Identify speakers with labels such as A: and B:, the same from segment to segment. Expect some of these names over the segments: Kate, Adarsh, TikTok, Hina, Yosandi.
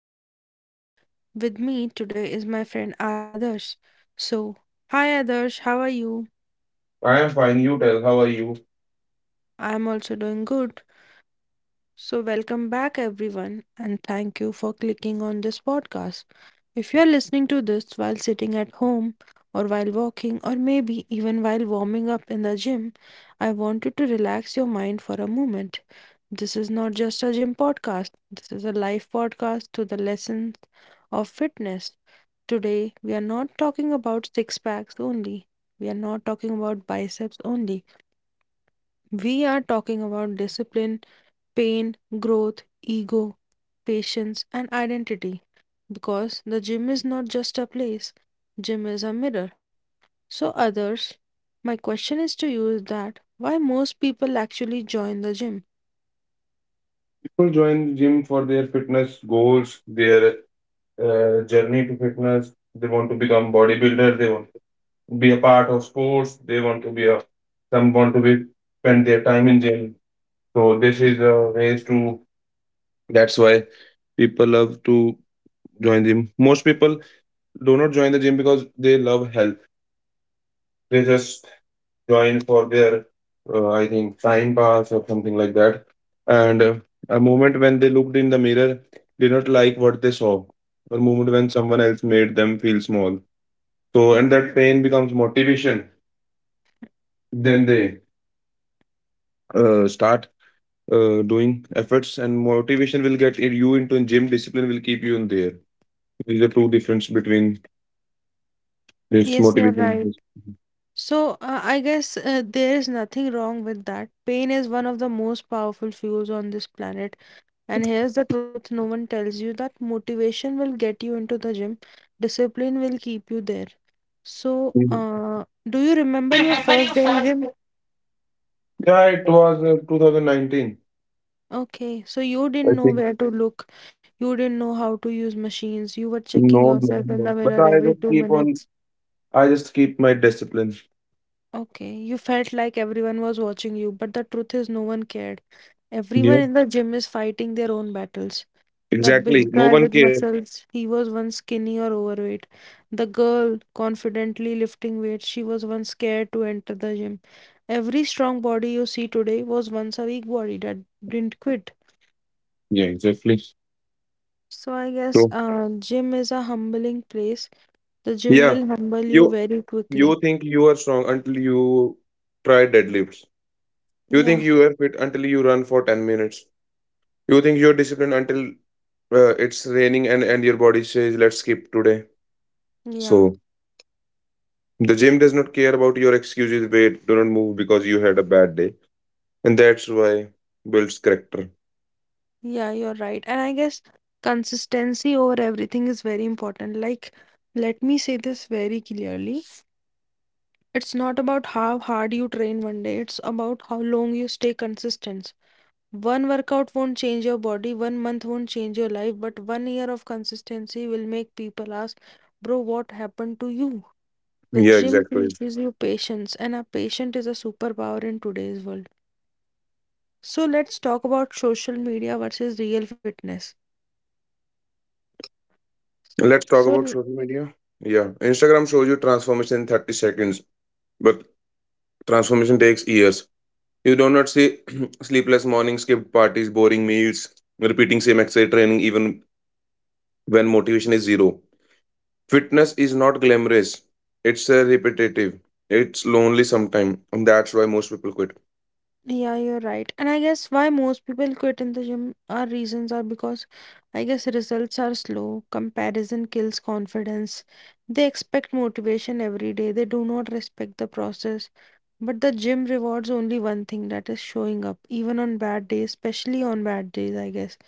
A: Hina and with me today is my friend Adarsh. So, hi Adarsh, how are you?
B: I am fine. You tell, how are you?
A: I am also doing good. So, welcome back, everyone, and thank you for clicking on this podcast. If you are listening to this while sitting at home, or while walking, or maybe even while warming up in the gym, I want you to relax your mind for a moment. This is not just a gym podcast, this is a life podcast to the lessons of fitness. Today, we are not talking about six packs only, we are not talking about biceps only. We are talking about discipline, pain, growth, ego, patience, and identity. Because the gym is not just a place, gym is a mirror. So, others, my question is to you is that why most people actually join the gym?
B: People join gym for their fitness goals, their journey to fitness. They want to become bodybuilder. They want to be a part of sports. They want to be a some want to be spend their time in gym. So this is a ways to. That's why people love to join gym. Most people do not join the gym because they love health. They just join for their, I think, time pass or something like that. And a moment when they looked in the mirror, did not like what they saw. A moment when someone else made them feel small. So, and that pain becomes motivation. Then they start doing efforts, and motivation will get you into gym. Discipline will keep you in there. These are two difference between this
A: Yes, you're
B: motivation and
A: right.
B: discipline.
A: I guess there is nothing wrong with that. Pain is one of the most powerful fuels on this planet. And here's the truth no one tells you that motivation will get you into the gym, discipline will keep you there. So,
B: Mhm.
A: uh, do you remember your first day in gym?
B: Yeah, it was 2019.
A: Okay, so you
B: I
A: didn't know
B: think
A: where to look, you didn't know how to use machines, you were checking
B: no, no,
A: yourself in the
B: no. But
A: mirror every two minutes.
B: I just keep my discipline.
A: Okay, you felt like everyone was watching you, but the truth is, no one cared.
B: Yeah.
A: Everyone in the gym is fighting their own battles. The
B: Exactly.
A: big
B: No
A: guy
B: one
A: with
B: cares.
A: muscles, he was once skinny or overweight. The girl confidently lifting weights, she was once scared to enter the gym. Every strong body you see today was once a weak body that didn't quit.
B: Yeah, exactly.
A: So I
B: So.
A: guess gym is a humbling place. The gym
B: Yeah.
A: will humble you
B: You
A: very
B: you
A: quickly.
B: think you are strong until you try deadlifts. You think
A: Yeah,
B: you are fit until you run for 10 minutes. You think you're disciplined until it's raining and your body says, let's skip today.
A: yeah,
B: So the gym does not care about your excuses. Wait, do not move because you had a bad day. And that's why builds character.
A: yeah, you're right. And I guess consistency over everything is very important. Like, let me say this very clearly. It's not about how hard you train one day, it's about how long you stay consistent. One workout won't change your body, 1 month won't change your life, but 1 year of consistency will make people ask, Bro, what happened to you? The
B: Yeah,
A: gym
B: exactly.
A: teaches you patience, and a patient is a superpower in today's world. So, let's talk about social media versus real fitness.
B: Let's talk about
A: So,
B: social media. Yeah, Instagram shows you transformation in 30 seconds, but transformation takes years. You do not see sleepless mornings, skipped parties, boring meals, repeating same exercise training even when motivation is zero. Fitness is not glamorous. It's repetitive. It's lonely sometimes, and that's why most people quit.
A: Yeah, you're right. And I guess why most people quit in the gym, our reasons are because I guess results are slow, comparison kills confidence. They expect motivation every day, they do not respect the process. But the gym rewards only one thing that is showing up, even on bad days, especially on bad days, I guess.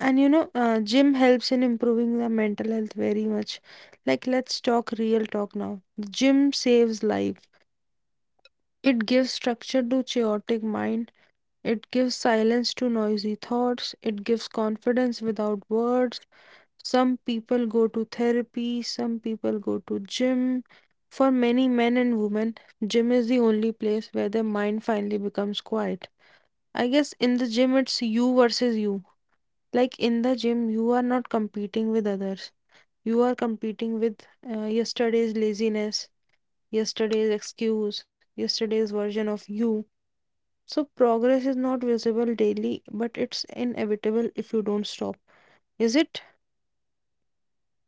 A: And you know, gym helps in improving the mental health very much. Like, let's talk real talk now. Gym saves life. It gives structure to chaotic mind, it gives silence to noisy thoughts. It gives confidence without words. Some people go to therapy, some people go to gym. For many men and women, gym is the only place where their mind finally becomes quiet. I guess in the gym, it's you versus you. Like in the gym, you are not competing with others. You are competing with yesterday's laziness, yesterday's excuse, yesterday's version of you. So progress is not visible daily, but it's inevitable if you don't stop. Is it?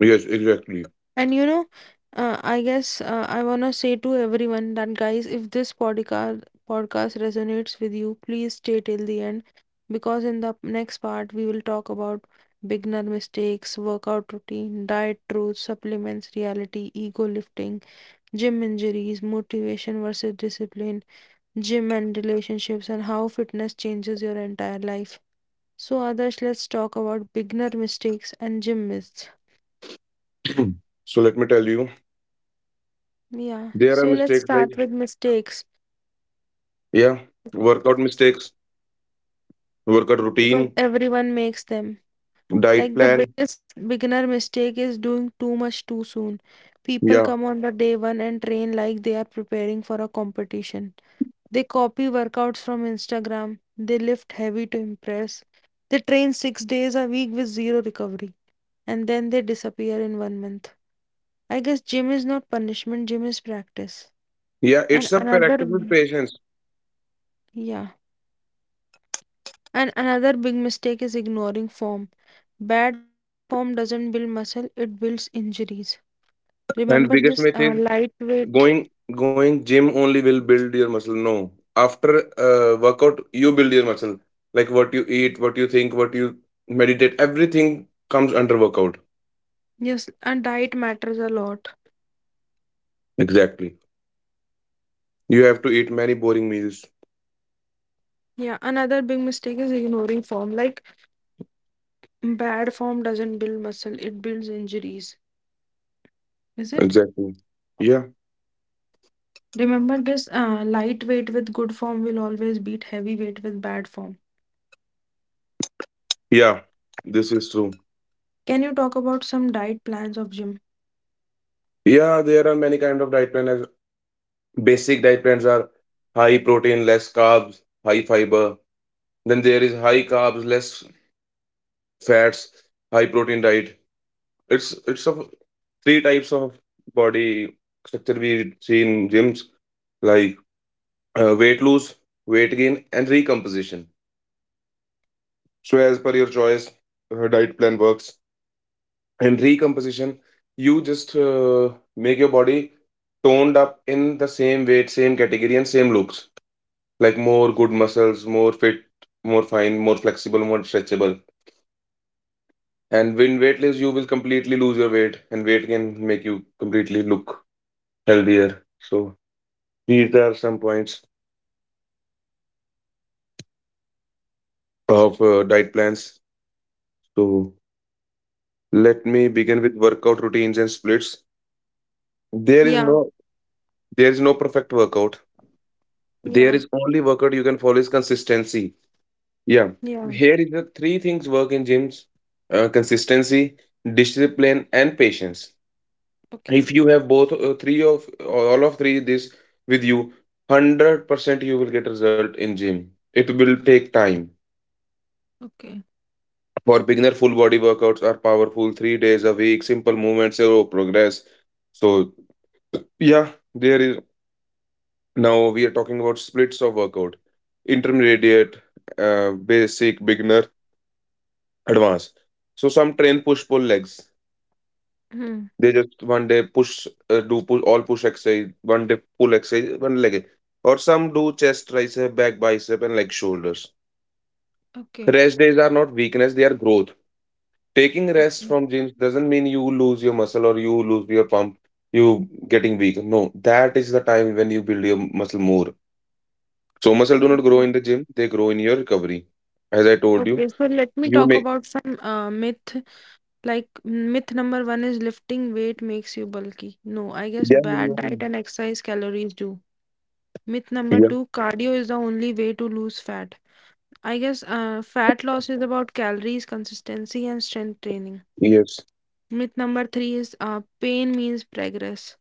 B: Yes, exactly.
A: And you know, I guess I wanna say to everyone that guys, if this podcast resonates with you, please stay till the end because in the next part we will talk about beginner mistakes, workout routine, diet truths, supplements, reality, ego lifting, gym injuries, motivation versus discipline, gym and relationships, and how fitness changes your entire life. So, Adarsh, let's talk about beginner mistakes and gym myths.
B: So let me tell you,
A: Yeah,
B: there are
A: so let's
B: mistakes like,
A: start with mistakes
B: yeah,
A: beca-
B: workout mistakes, workout
A: because
B: routine,
A: everyone makes them.
B: diet
A: Like the
B: plan,
A: biggest beginner mistake is doing too much too soon. People
B: yeah.
A: come on the day one and train like they are preparing for a competition. They copy workouts from Instagram, they lift heavy to impress, they train 6 days a week with zero recovery, and then they disappear in 1 month. I guess gym is not punishment, gym is practice.
B: Yeah,
A: And
B: it's a
A: another,
B: practice with
A: b-
B: patience.
A: yeah, and another big mistake is ignoring form. Bad form doesn't build muscle, it builds injuries. Remember
B: And
A: this
B: biggest myth is
A: lightweight,
B: going going gym only will build your muscle. No, after workout you build your muscle. Like what you eat, what you think, what you meditate, everything comes under workout.
A: yes, and diet matters a lot.
B: Exactly. You have to eat many boring meals.
A: Yeah, another big mistake is ignoring form. Like, bad form doesn't build muscle, it builds injuries. Is it?
B: Exactly. Yeah.
A: Remember this lightweight with good form will always beat heavyweight with bad form.
B: Yeah. This is true.
A: Can you talk about some diet plans of gym?
B: Yeah, there are many kind of diet plans. Basic diet plans are high protein, less carbs, high fiber. Then there is high carbs, less fats, high protein diet. It's of three types of body structure we see in gyms, like weight loss, weight gain, and recomposition. So as per your choice, diet plan works. And recomposition, you just make your body toned up in the same weight, same category, and same looks. Like more good muscles, more fit, more fine, more flexible, more stretchable. And when weightless, you will completely lose your weight, and weight can make you completely look healthier. So these are some points of diet plans. So let me begin with workout routines and splits. There is
A: Yeah,
B: no there is no perfect workout. There
A: yeah,
B: is only workout you can follow is consistency. Yeah.
A: yeah.
B: Here is the three things work in gyms. Consistency, discipline, and patience.
A: Okay,
B: If you have both three of all of three this with you, 100% you will get result in gym. It will take time.
A: okay.
B: For beginner, full body workouts are powerful. 3 days a week, simple movements, your progress. So yeah, there is now we are talking about splits of workout, intermediate, basic, beginner, advanced. So some train push pull legs.
A: Hmm.
B: They just one day push do push all push exercise, one day pull exercise, one leg. Or some do chest, tricep, back, bicep, and leg shoulders.
A: Okay,
B: Rest days are not weakness; they are growth. Taking rest
A: okay,
B: from gym doesn't mean you lose your muscle or you lose your pump. You getting weak? No, that is the time when you build your muscle more. So muscle do not grow in
A: okay.
B: the gym, they grow in your recovery. As I told you,
A: Okay, so let me
B: you
A: talk
B: may.
A: about some myth. Like myth number one is lifting weight makes you bulky. No, I guess
B: Yeah, yeah,
A: bad
B: yeah.
A: diet and exercise calories do. Myth number
B: Yeah,
A: two, cardio is the only way to lose fat. I guess fat loss is about calories, consistency, and strength training.
B: yes,
A: Myth number three is pain means progress.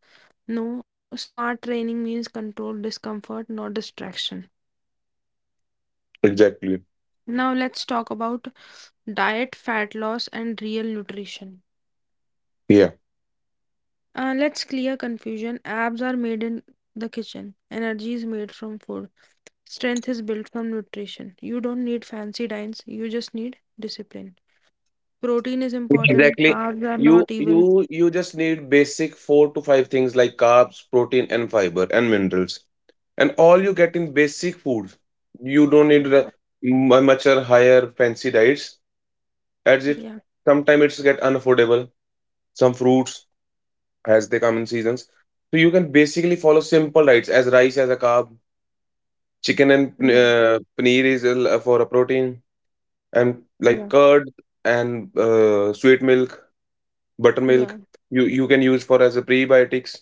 A: No, smart training means control discomfort, not distraction.
B: exactly,
A: Now let's talk about diet, fat loss, and real nutrition.
B: yeah,
A: Let's clear confusion. Abs are made in the kitchen. Energy is made from food. Strength is built from nutrition. You don't need fancy diets. You just need discipline. Protein is important.
B: exactly,
A: Carbs are
B: you
A: not evil.
B: you you just need basic four to five things like carbs, protein and fiber and minerals, and all you get in basic foods. You don't need the much or higher fancy diets, as it
A: Yeah,
B: sometimes it's get unaffordable. Some fruits, as they come in seasons, so you can basically follow simple diets as rice as a carb, chicken and
A: yeah,
B: paneer is a for a protein, and like
A: yeah,
B: curd and sweet milk, buttermilk,
A: yeah,
B: you can use for as a prebiotics.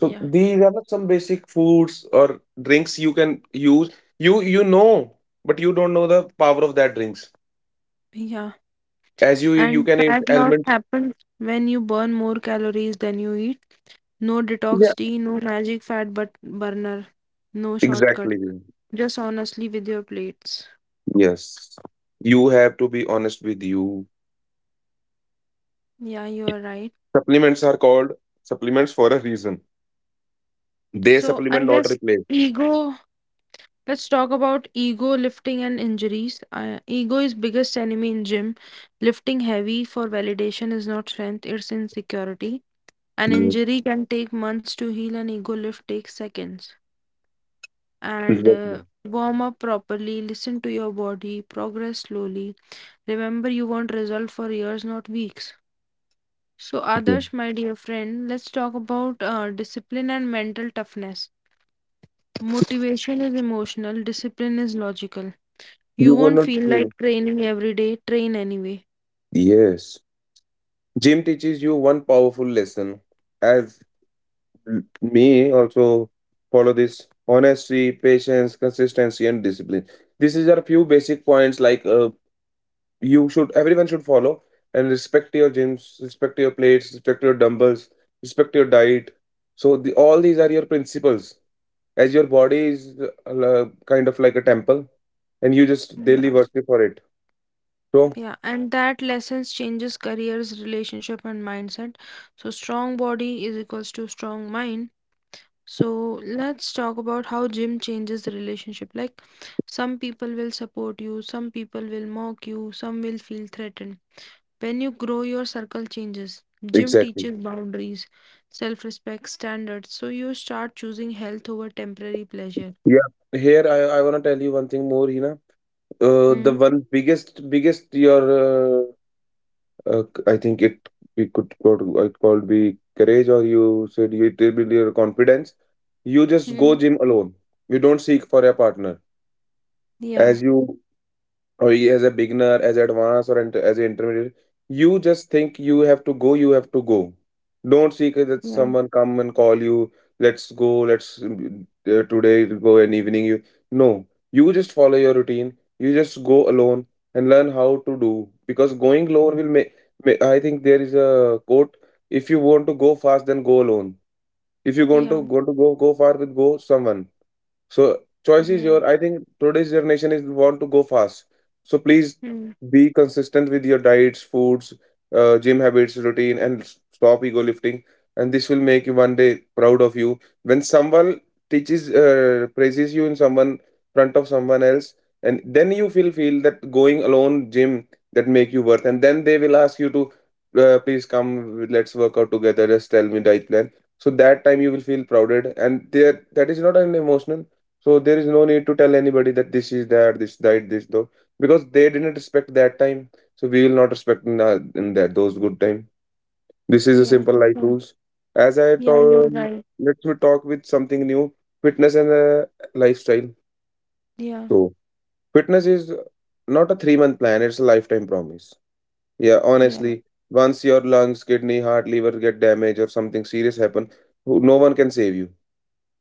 B: So these are the some basic foods or drinks you can use, you know, but you don't know the power of that drinks.
A: yeah.
B: As you
A: And
B: can eat
A: fat loss
B: almonds,
A: happens when you burn more calories than you eat. No
B: yeah,
A: detox tea, no magic fat but burner, no shortcut.
B: exactly.
A: Just honestly with your plates.
B: Yes. You have to be honest with you.
A: Yeah, you are right.
B: Supplements are called supplements for a reason. They
A: So I
B: supplement, not
A: guess
B: replace.
A: ego. Let's talk about ego lifting and injuries. Ego is biggest enemy in gym. Lifting heavy for validation is not strength; it's insecurity. An
B: Yes.
A: injury can take months to heal, and ego lift takes seconds. And
B: Exactly.
A: warm up properly. Listen to your body. Progress slowly. Remember, you want result for years, not weeks. So,
B: Okay.
A: Adarsh, my dear friend, let's talk about discipline and mental toughness. Motivation is emotional, discipline is logical. You
B: You will
A: won't
B: not
A: feel
B: feel.
A: like training every day, train anyway.
B: Yes. Gym teaches you one powerful lesson. As me also follow this honesty, patience, consistency, and discipline. These are a few basic points like, you should everyone should follow and respect your gyms, respect your plates, respect your dumbbells, respect your diet. So the, all these are your principles. As your body is kind of like a temple, and you just
A: Yeah.
B: daily worship for it. So
A: Yeah, and that lessons changes careers, relationship, and mindset. So, strong body is equals to strong mind. So, let's talk about how gym changes the relationship. Like, some people will support you, some people will mock you, some will feel threatened. When you grow, your circle changes. Gym
B: exactly.
A: teaches boundaries, self respect, standards, so you start choosing health over temporary pleasure.
B: Yeah, here I want to tell you one thing more, Hina. The
A: Hmm.
B: one biggest your I think it we could call it called be courage, or you said you it will be your confidence. You just go
A: Hmm.
B: gym alone. You don't seek for a partner.
A: Yeah.
B: As you or as a beginner, as advanced or as an intermediate, you just think you have to go. Don't seek that
A: Yeah.
B: someone come and call you, let's go, today go and evening you, no. You just follow your routine. You just go alone and learn how to do, because going alone will make I think there is a quote: if you want to go fast, then go alone; if you want to
A: Yeah.
B: go far, with go someone. So choice is
A: Yeah.
B: your. I think today's generation is want to go fast. So please
A: Hmm.
B: be consistent with your diets, foods, gym habits, routine, and stop ego lifting. And this will make you one day proud of you. When someone praises you in someone front of someone else, and then you feel that going alone gym, that make you worth. And then they will ask you to, please come, let's work out together. Just tell me diet plan. So that time you will feel prouded, and there that is not an emotional. So there is no need to tell anybody that this is that, this died, this though, because they didn't respect that time. So we will not respect in that those good time. This is a
A: Yeah.
B: simple life
A: Hmm.
B: rules. As I
A: Yeah. You're
B: told,
A: right.
B: let me talk with something new: fitness and lifestyle.
A: Yeah.
B: So fitness is not a 3-month plan; it's a lifetime promise. Yeah,
A: Yeah.
B: honestly, once your lungs, kidney, heart, liver get damaged or something serious happen, no one can save you.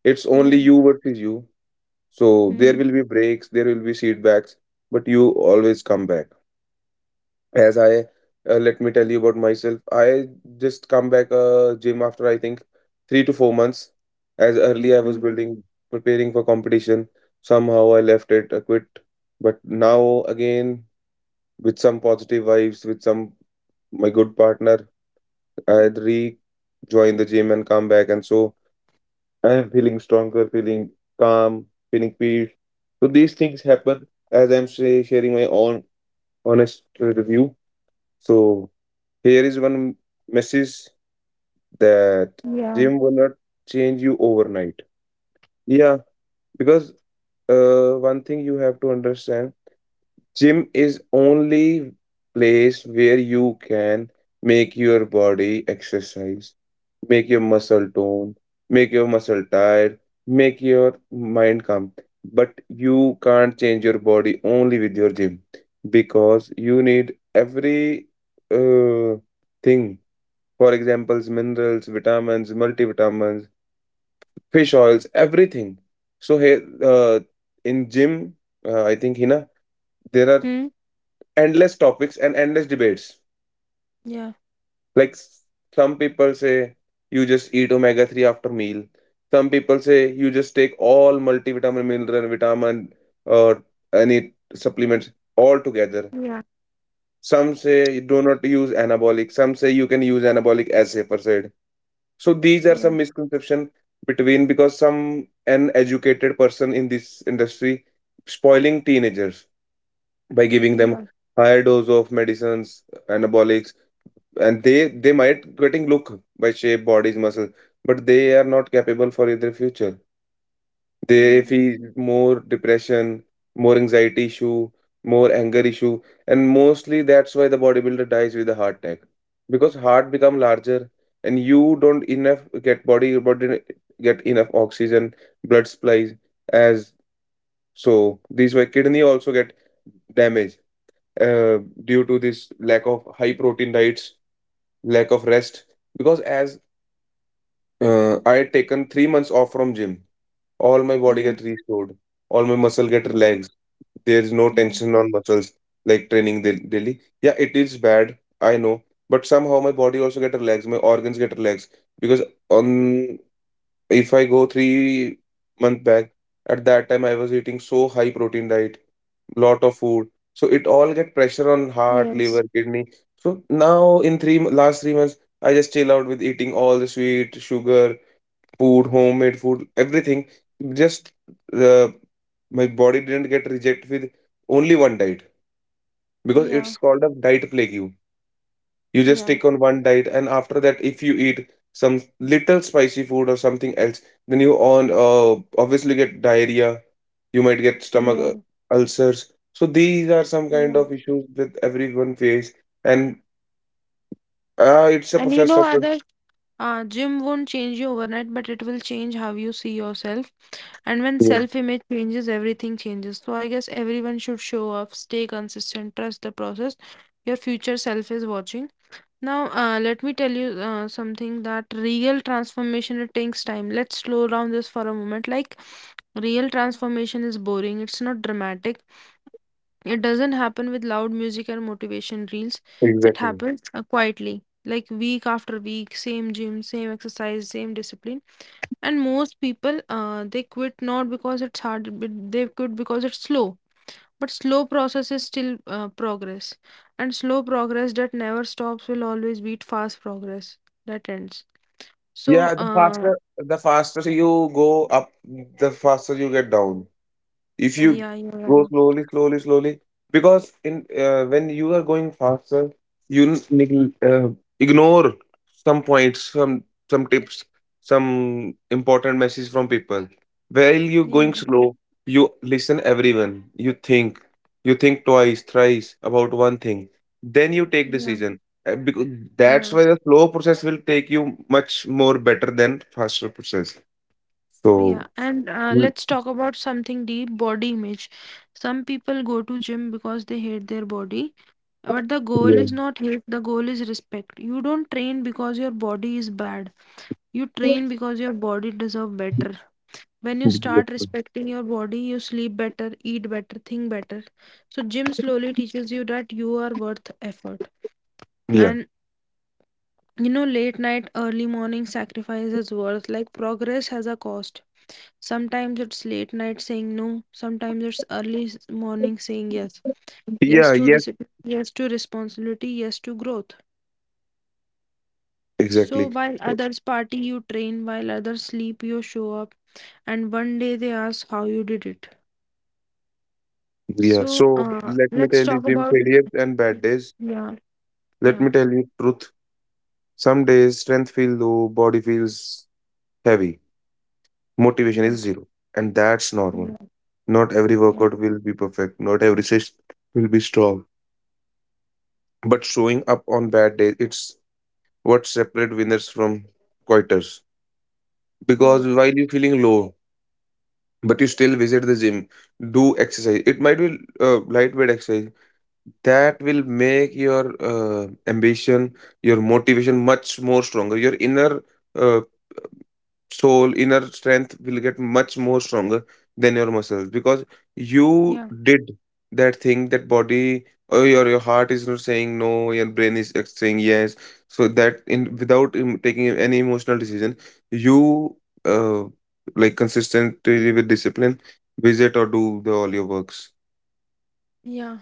B: It's only
A: Yeah.
B: you versus you. So there
A: Hmm.
B: will be breaks, there will be setbacks, but you always come back. As I, Let me tell you about myself. I just come back gym after I think 3 to 4 months. As early I was
A: Mhm.
B: building, preparing for competition. Somehow I left it, I quit. But now again, with some positive vibes, with some my good partner, I rejoin the gym and come back. And so I am feeling stronger, feeling calm, feeling peace. So these things happen as I'm say, sharing my own honest review. So here is one message that
A: Yeah.
B: gym will not change you overnight. Yeah, because one thing you have to understand. Gym is only place where you can make your body exercise, make your muscle tone, make your muscle tired, make your mind calm. But you can't change your body only with your gym because you need every uh, thing. For examples, minerals, vitamins, multivitamins, fish oils, everything. So here, in gym, I think, Hina, there are
A: Hmm.
B: endless topics and endless debates.
A: Yeah.
B: Like some people say you just eat omega 3 after meal. Some people say you just take all multivitamin, mineral, vitamin or any supplements all together.
A: Yeah.
B: Some say you do not use anabolic. Some say you can use anabolic as safer side. So these are some
A: Yeah.
B: misconception between, because some an educated person in this industry spoiling teenagers by giving them
A: Yeah.
B: higher dose of medicines, anabolics, and they might getting look by shape bodies muscle, but they are not capable for their future. They
A: Yeah.
B: feel more depression, more anxiety issue, more anger issue, and mostly that's why the bodybuilder dies with a heart attack, because heart become larger and you don't enough get body your body get enough oxygen, blood supplies, as. So these why kidney also get damage, uh, due to this lack of high protein diets, lack of rest. Because as I had taken 3 months off from gym, all my body
A: Yeah.
B: get restored, all my muscle get
A: Yeah.
B: relaxed. There is no
A: Yeah.
B: tension on muscles like training daily. Yeah, it is bad, I know, but somehow my body also get relaxed, my organs get relaxed, because on if I go 3 month back, at that time I was eating so high protein diet, lot of food, so it all get pressure on heart, liver,
A: Yes.
B: kidney. So now in three last 3 months, I just chill out with eating all the sweet sugar food, homemade food, everything. Just uh, my body didn't get rejected with only one diet, because it's
A: Yeah.
B: called a diet plague. You just
A: Yeah.
B: take on one diet, and after that if you eat some little spicy food or something else, then you on, obviously get diarrhea. You might get stomach
A: Yeah.
B: ulcers. So these are some kind
A: Yeah.
B: of issues that everyone face. And it's a
A: And you
B: process
A: know,
B: of.
A: others. Gym won't change you overnight, but it will change how you see yourself. And when
B: Yeah,
A: self image changes, everything changes. So I guess everyone should show up, stay consistent, trust the process. Your future self is watching. Now, let me tell you something that real transformation it takes time. Let's slow down this for a moment. Like, real transformation is boring, it's not dramatic, it doesn't happen with loud music and motivation reels. It
B: exactly.
A: happens quietly, like week after week, same gym, same exercise, same discipline. And most people, they quit not because it's hard, but they quit because it's slow. But slow process is still progress, and slow progress that never stops will always beat fast progress that ends. So,
B: Yeah,
A: uh,
B: the faster you go up, the faster you get down. If you
A: yeah, yeah,
B: go slowly, slowly, slowly, because in, when you are going faster, you ignore some points, some tips, some important message from people. While you
A: yeah,
B: going slow, you listen everyone, you think you think twice thrice about one thing, then you take
A: yeah,
B: decision. Because that's
A: yeah.
B: why the slow process will take you much more better than faster process. So.
A: Yeah, and
B: Mm,
A: let's talk about something deep, body image. Some people go to gym because they hate their body, but the goal
B: yeah,
A: is not hate, the goal is respect. You don't train because your body is bad. You train because your body deserve better. When you start respecting your body, you sleep better, eat better, think better. So gym slowly teaches you that you are worth effort.
B: yeah.
A: And you know, late night, early morning sacrifice is worth. Like progress has a cost. Sometimes it's late night saying no, sometimes it's morning saying yes. Yes
B: Yeah,
A: to
B: yes,
A: discipline, yes to responsibility, yes to growth. So
B: exactly.
A: while
B: Uh,
A: others party, you train, while others sleep, you show up, and one day they ask how you did it.
B: Yeah,
A: So
B: so let me
A: let's
B: tell you,
A: talk
B: gym
A: about
B: failures and
A: yeah,
B: bad days. Let
A: yeah,
B: me tell you truth. Some days strength feels low, body feels heavy, motivation
A: yeah,
B: is zero, and that's normal.
A: yeah,
B: Not every
A: yeah,
B: workout will be perfect, not every session will be strong. But showing up on bad days, it's what separates winners from quitters. Because
A: yeah,
B: while you're feeling low, but you still visit the gym, do exercise. It might be lightweight exercise. That will make your ambition, your motivation much more stronger. Your inner uh, soul, inner strength will get much more stronger than your muscles, because you
A: yeah,
B: did that thing that body, or your heart is not saying no, your brain is saying yes. So that in without taking any emotional decision, you, uh, like consistently with discipline, visit or do the all your works.
A: yeah.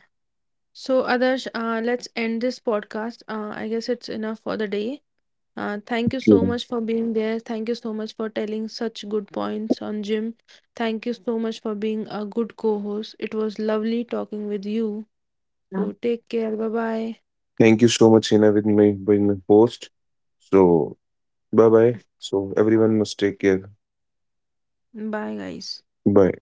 A: So, Adarsh, let's end this podcast. I guess it's enough for the day. Thank you so much for being there. Thank you so much for telling such good points on Jim. Thank you so much for being a good co host. It was lovely talking with you. So take care. Bye bye.
B: Thank you so much, Hina, with my host. So bye bye. So everyone must take care.
A: Bye, guys.
B: Bye.